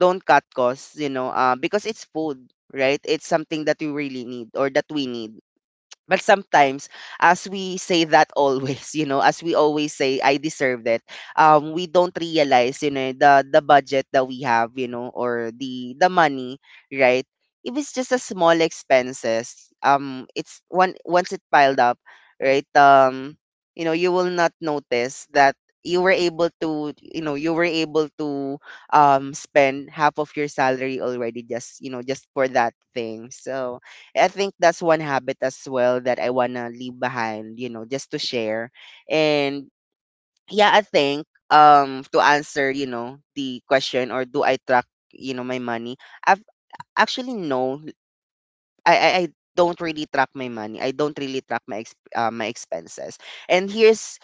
don't cut costs, you know, because it's food, right? It's something that you really need, or that we need. But sometimes, as we say that always, <laughs> you know, as we always say, I deserve it. We don't realize, you know, the budget that we have, you know, or the money, right? If it's just a small expenses, it's one once it piled up, right? You know, you will not notice that you were able to, you know, you were able to spend half of your salary already, just, you know, just for that thing. So I think that's one habit as well that I wanna leave behind, you know, just to share. And yeah, I think to answer, you know, the question, or do I track, you know, my money? I've Actually, no. I don't really track my money. I don't really track my my expenses. And here's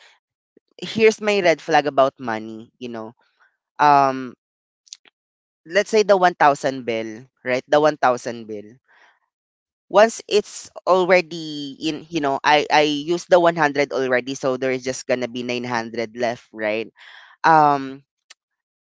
here's my red flag about money, you know. Um let's say the 1000 bill, right? The 1000 bill. Once it's already in, you know, I use the 100 already, so there is just gonna be 900 left, right? um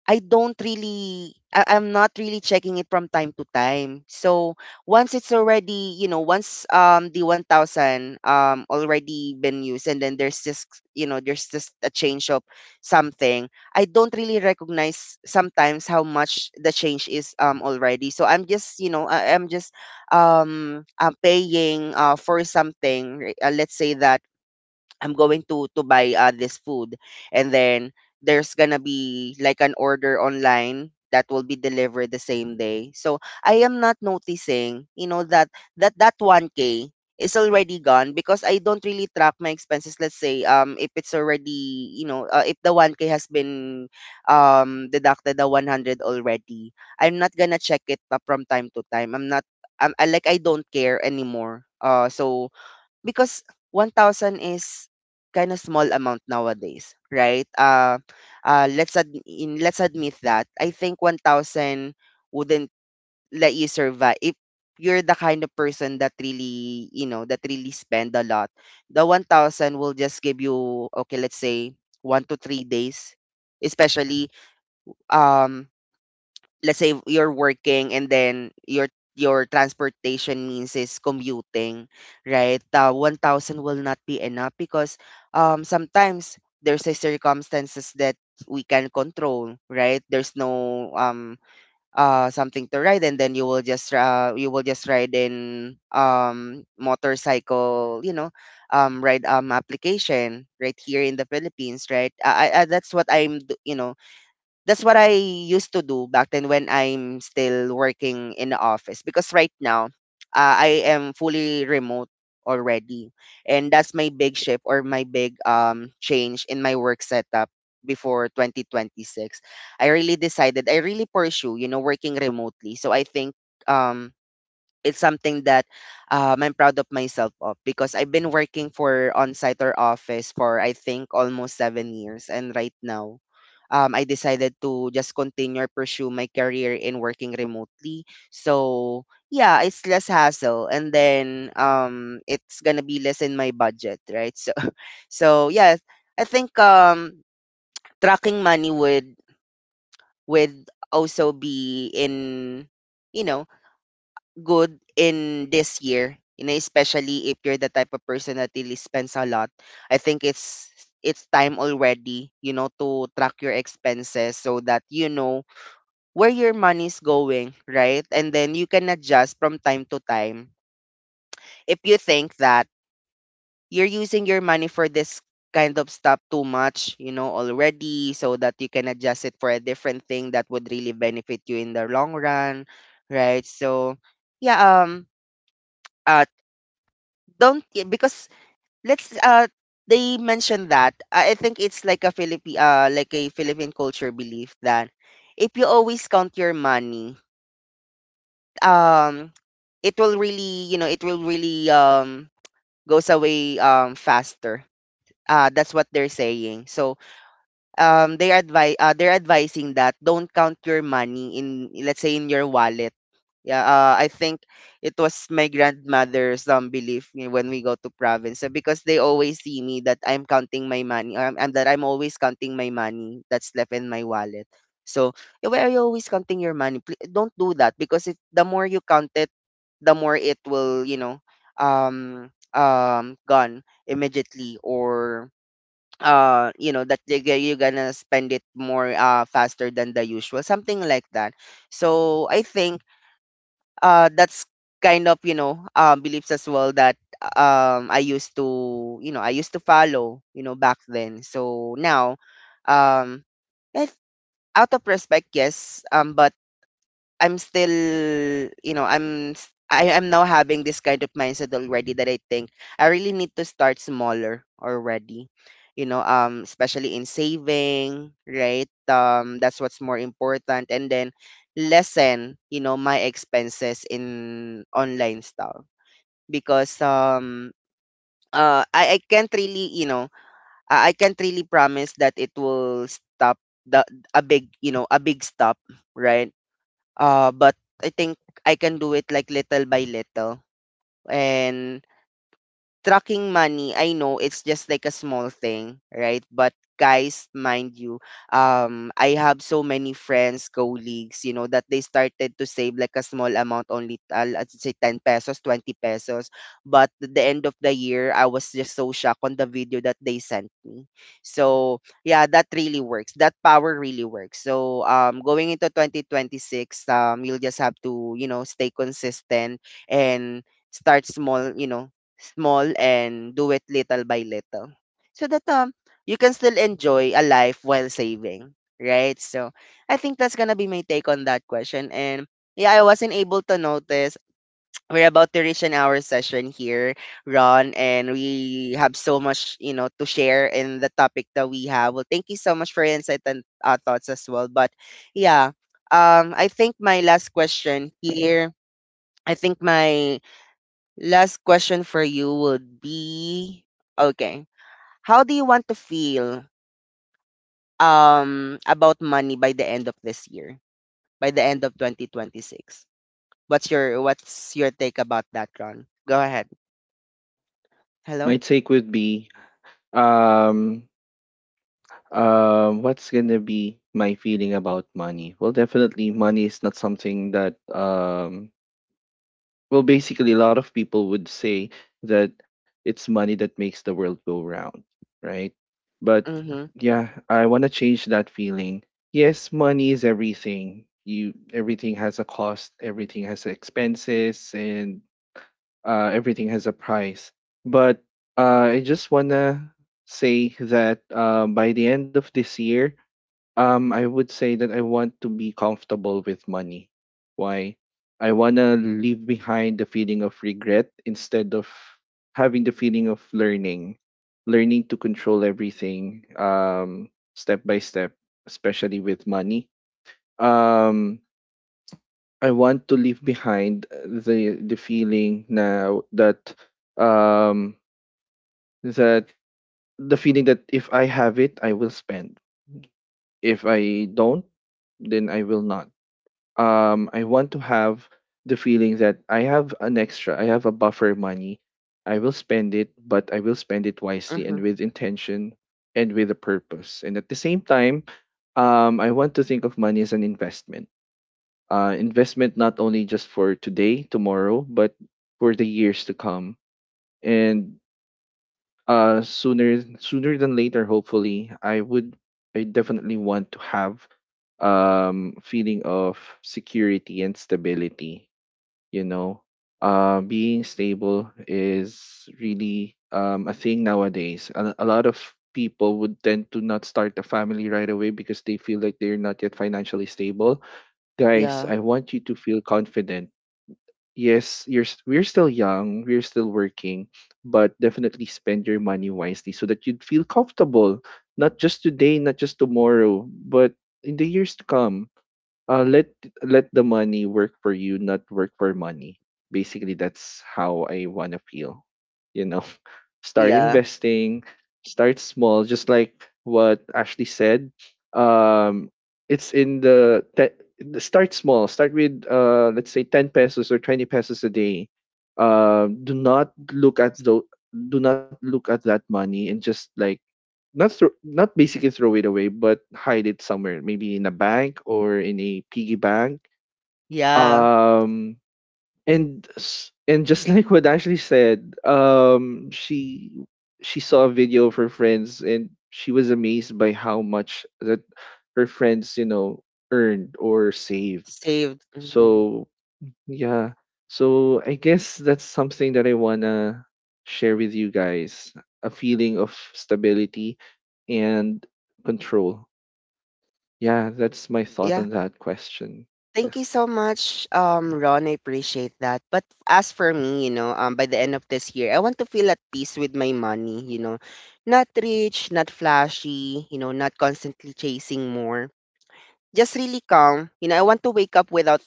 I'm not really checking it from time to time. So once it's already, you know, once the 1000 already been used, and then there's just, you know, there's just a change of something, I don't really recognize sometimes how much the change is already. So I'm just, you know, I'm just paying for something, let's say that I'm going to buy this food, and then there's gonna be like an order online that will be delivered the same day. So I am not noticing, you know, that that 1k is already gone because I don't really track my expenses. Let's say if it's already, you know, if the 1k has been deducted the 100 already, I'm not gonna check it, from time to time. I'm not I'm, I like I don't care anymore. So because 1,000 is kind of small amount nowadays, right? Let's admit that. I think 1,000 wouldn't let you survive if you're the kind of person that really, you know, that really spend a lot. The 1,000 will just give you, okay, let's say 1 to 3 days, especially um let's say you're working and then your transportation means is commuting, right? The 1,000 will not be enough because sometimes there's a circumstances that we can control, right? There's no something to ride, and then you will just ride in motorcycle, you know, ride application right here in the Philippines, right? I- that's what I'm d- you know that's what I used to do back then when I'm still working in the office, because right now I am fully remote already. And that's my big shift, or my big change in my work setup before 2026. I really decided I really pursue, you know, working remotely. So I think um it's something that I'm proud of myself of, because I've been working for on-site or office for I think almost 7 years, and right now, I decided to just continue or pursue my career in working remotely. So yeah, it's less hassle, and then it's gonna be less in my budget, right? So, <laughs> so yeah, I think tracking money would also be in, you know, good in this year, you know, especially if you're the type of person that really spends a lot. I think it's time already, you know, to track your expenses so that you know where your money's going, right? And then you can adjust from time to time. If you think that you're using your money for this kind of stuff too much, you know, already, so that you can adjust it for a different thing that would really benefit you in the long run, right? So, yeah, uh don't y- because let's they mentioned that I think it's like a Philippine culture belief that if you always count your money, um, it will really, you know, it will really goes away faster. That's what they're saying. So they advise they're advising that don't count your money in, let's say, in your wallet. Yeah, I think it was my grandmother's belief me when we go to province, because they always see me that I'm counting my money, and that I'm always counting my money that's left in my wallet. So, "Eh, why are you always counting your money? Don't do that, because if the more you count it, the more it will, you know, gone immediately, or you know that you're gonna spend it more faster than the usual," something like that. So I think that's kind of, you know, beliefs as well that I used to, you know, I used to follow, you know, back then. So now, um it, out of respect, yes, but I'm still, you know, I am now having this kind of mindset already that I think I really need to start smaller already. You know, especially in saving, right? That's what's more important, and then lessen, you know, my expenses in online stuff because I can't really, you know, I can't really promise that it will stop the, a big, you know, a big stop, right? But I think I can do it like little by little, and tracking money, I know it's just like a small thing, right? But guys, mind you, I have so many friends, colleagues, you know, that they started to save like a small amount, only let's say 10 pesos, 20 pesos. But at the end of the year, I was just so shocked on the video that they sent me. So yeah, that really works. That power really works. So going into 2026, you'll just have to, you know, stay consistent and start small, you know, small, and do it little by little, so that you can still enjoy a life while saving, right? So I think that's gonna be my take on that question. And yeah, I wasn't able to notice we're about to reach an hour session here, Ron, and we have so much, you know, to share in the topic that we have. Well, thank you so much for your insight and thoughts as well. But yeah, I think my last question here, I think my last question for you would be, okay, how do you want to feel about money by the end of this year? By the end of 2026. What's your take about that, Ron? Go ahead. <laughs> my Hello? take would be, um what's gonna be my feeling about money? Well, definitely money is not something that well, basically, a lot of people would say that it's money that makes the world go round, right? But Mhm. yeah, I want to change that feeling. Yes, money is everything. You, everything has a cost, everything has expenses, and everything has a price. But I just wanna say that, by the end of this year, I would say that I want to be comfortable with money. Why? I want to leave behind the feeling of regret, instead of having the feeling of learning, learning to control everything, step by step, especially with money. Um, I want to leave behind the feeling now that, um, that the feeling that if I have it, I will spend. If I don't, then I will not. I want to have the feeling that I have an extra, I have a buffer money. I will spend it, but I will spend it wisely and Mhm. with intention and with a purpose. And at the same time, I want to think of money as an investment. Investment not only just for today, tomorrow, but for the years to come. And sooner than later, hopefully, I definitely want to have feeling of security and stability. You know, being stable is really a thing nowadays. A lot of people would tend to not start a family right away because they feel like they're not yet financially stable. Guys, Yeah. I want you to feel confident. Yes, we're still young, we're still working, but definitely spend your money wisely so that you'd feel comfortable, not just today, not just tomorrow, but in the years to come. Let let the money work for you, not work for money. Basically, that's how I wanna feel. You know, <laughs> start Yeah. investing, start small, just like what Ashley said. Um, it's in the start small. Start with, let's say, 10 pesos or 20 pesos a day. Do not look at the, do not look at that money and just like not basically throw it away, but hide it somewhere, maybe in a bank or in a piggy bank. Yeah. Um, and and just <laughs> like what Ashley said, she saw a video of her friends and she was amazed by how much that her friends, you know, earned or saved. Saved. Mhm. So yeah. So I guess that's something that I wanna share with you guys. A feeling of stability and control. Yeah, that's my thought Yeah. on that question. <laughs> Thank you so much, Ron. I appreciate that. But as for me, you know, by the end of this year, I want to feel at peace with my money. You know, not rich, not flashy. You know, not constantly chasing more. Just really calm. You know, I want to wake up without,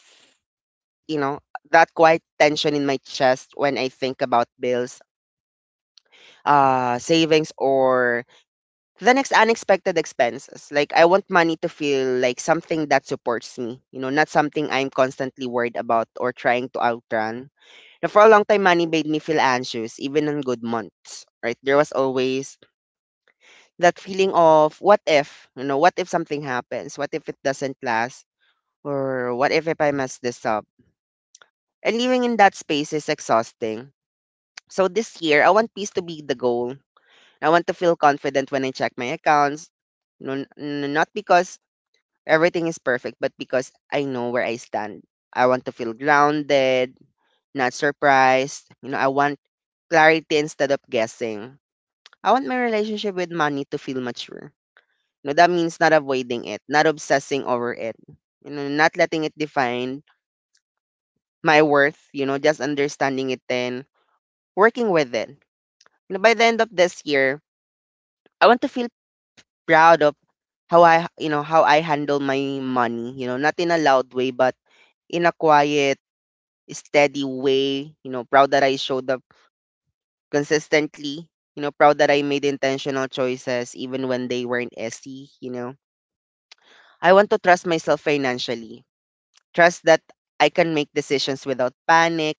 you know, that quiet tension in my chest when I think about bills, savings, or the next unexpected expenses. Like, I want money to feel like something that supports me, you know, not something I'm constantly worried about or trying to outrun. Now, for a long time, money made me feel anxious, even on good months, right? There was always that feeling of what if, you know, what if something happens? What if it doesn't last? Or what if I mess this up? And living in that space is exhausting. So this year, I want peace to be the goal. I want to feel confident when I check my accounts, no, not because everything is perfect, but because I know where I stand. I want to feel grounded, not surprised. You know, I want clarity instead of guessing. I want my relationship with money to feel mature. You know, that means not avoiding it, not obsessing over it, you know, not letting it define my worth, you know, just understanding it and working with it. You know, by the end of this year, I want to feel proud of how I, you know, how I handle my money, you know, not in a loud way, but in a quiet, steady way. You know, proud that I showed up consistently. You know, proud that I made intentional choices even when they weren't easy. You know, I want to trust myself financially. Trust that I can make decisions without panic.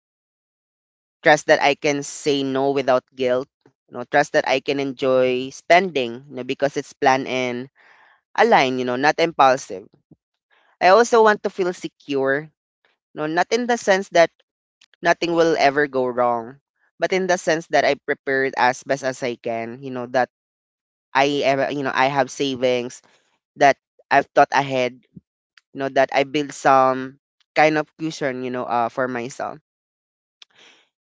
Trust that I can say no without guilt. You know, trust that I can enjoy spending. You know, because it's planned and aligned. You know, not impulsive. I also want to feel secure. You know, not in the sense that nothing will ever go wrong. But in the sense that I prepared as best as I can, you know, that I ever, you know, I have savings, that I've thought ahead, you know, that I build some kind of cushion, you know, for myself.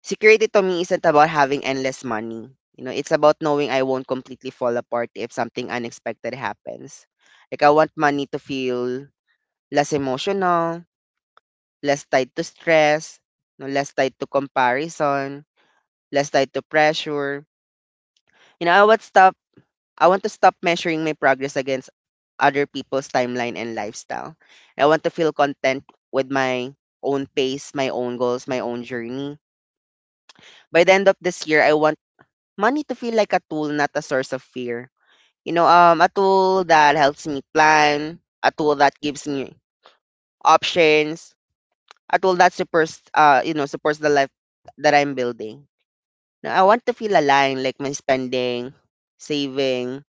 Security to me isn't about having endless money. You know, it's about knowing I won't completely fall apart if something unexpected happens. Like, I want money to feel less emotional, less tied to stress, no, less tied to comparison, less tied to pressure. You know, I want to stop measuring my progress against other people's timeline and lifestyle. I want to feel content with my own pace, my own goals, my own journey. By the end of this year, I want money to feel like a tool, not a source of fear. You know, a tool that helps me plan, a tool that gives me options, a tool that supports, you know, supports the life that I'm building. Now, I want to feel aligned, like my spending, saving,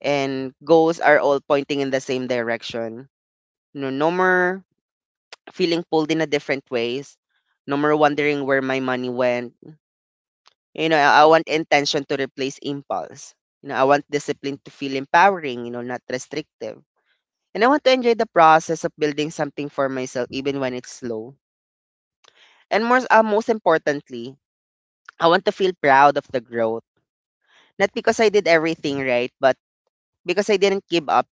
and goals are all pointing in the same direction. No, no more feeling pulled in a different ways. No more wondering where my money went. You know, I want intention to replace impulse. You know, I want discipline to feel empowering, you know, not restrictive. And I want to enjoy the process of building something for myself, even when it's slow. And more, most importantly, I want to feel proud of the growth. Not because I did everything right, but because I didn't give up,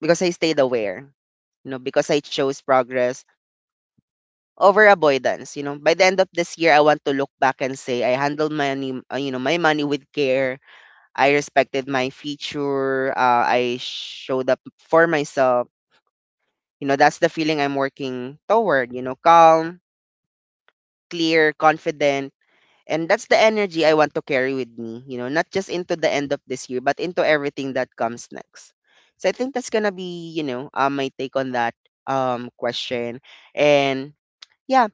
because I stayed aware, you know, because I chose progress over avoidance, you know. By the end of this year, I want to look back and say I handled money, you know, my money with care. I respected my future. I showed up for myself. You know, that's the feeling I'm working toward. You know, calm, clear, confident, and that's the energy I want to carry with me. You know, not just into the end of this year, but into everything that comes next. So I think that's gonna be, you know, my take on that question. And yeah,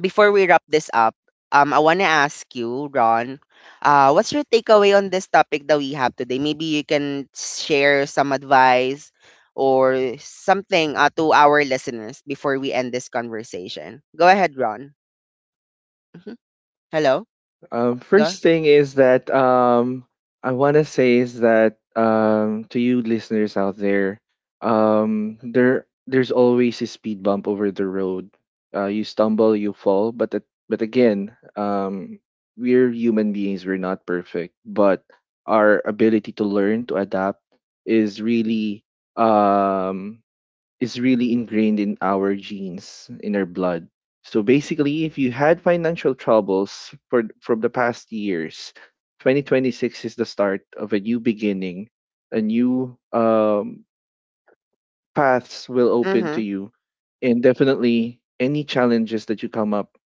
before we wrap this up, I want to ask you, Ron, what's your takeaway on this topic that we have today? Maybe you can share some advice or something, to our listeners before we end this conversation. Go ahead, Ron. Mhm. Hello? Go. First thing is that, I want to say is that, to you listeners out there, there's always a speed bump over the road. You stumble, you fall, but again, we're human beings. We're not perfect, but our ability to learn to adapt is really, um, ingrained in our genes, in our blood. So basically, if you had financial troubles for from the past years, 2026 is the start of a new beginning, a new, paths will open Mm-hmm. to you, and definitely any challenges that you come up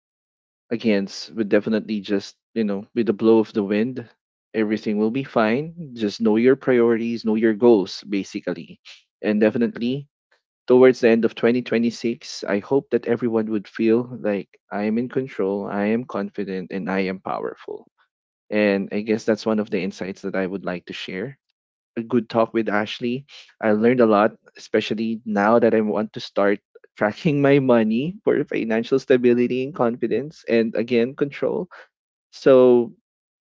against would definitely, just you know, with the blow of the wind, everything will be fine. Just know your priorities, know your goals, basically, and definitely towards the end of 2026, I hope that everyone would feel like, I am in control, I am confident, and I am powerful. And I guess that's one of the insights that I would like to share. A good talk with Ashley. I learned a lot, especially now that I want to start <laughs> tracking my money for financial stability and confidence and, again, control. So,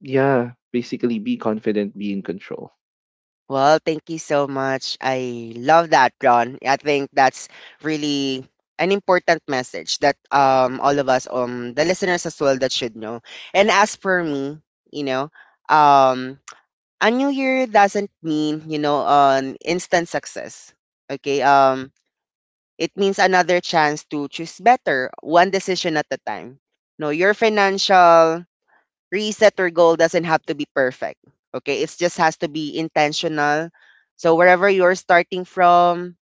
yeah, basically be confident, be in control. Well, thank you so much. I love that, Ron. I think that's really an important message that all of us, the listeners as well, that should know. And as for me, you know, um a new year doesn't mean, you know, an instant success. Okay? It means another chance to choose better, one decision at a time. No, your financial reset, your goal doesn't have to be perfect. Okay. It just has to be intentional. So wherever you're starting from,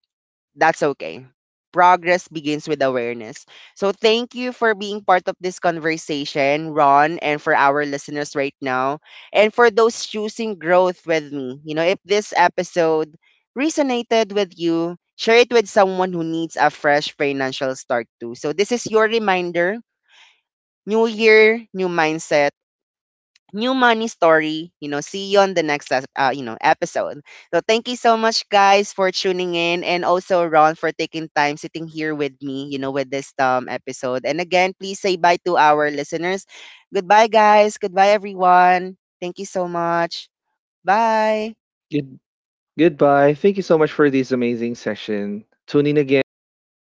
that's okay. Progress begins with awareness. So thank you for being part of this conversation, Ron, and for our listeners right now. And for those choosing growth with me, you know, if this episode resonated with you, share it with someone who needs a fresh financial start too. So this is your reminder: new year, new mindset, new money story. You know, see you on the next you know, episode. So thank you so much, guys, for tuning in, and also Ron for taking time sitting here with me. You know, with this episode. And again, please say bye to our listeners. Goodbye, guys. Goodbye, everyone. Thank you so much. Bye. Good. Goodbye. Thank you so much for this amazing session. Tune in again for the next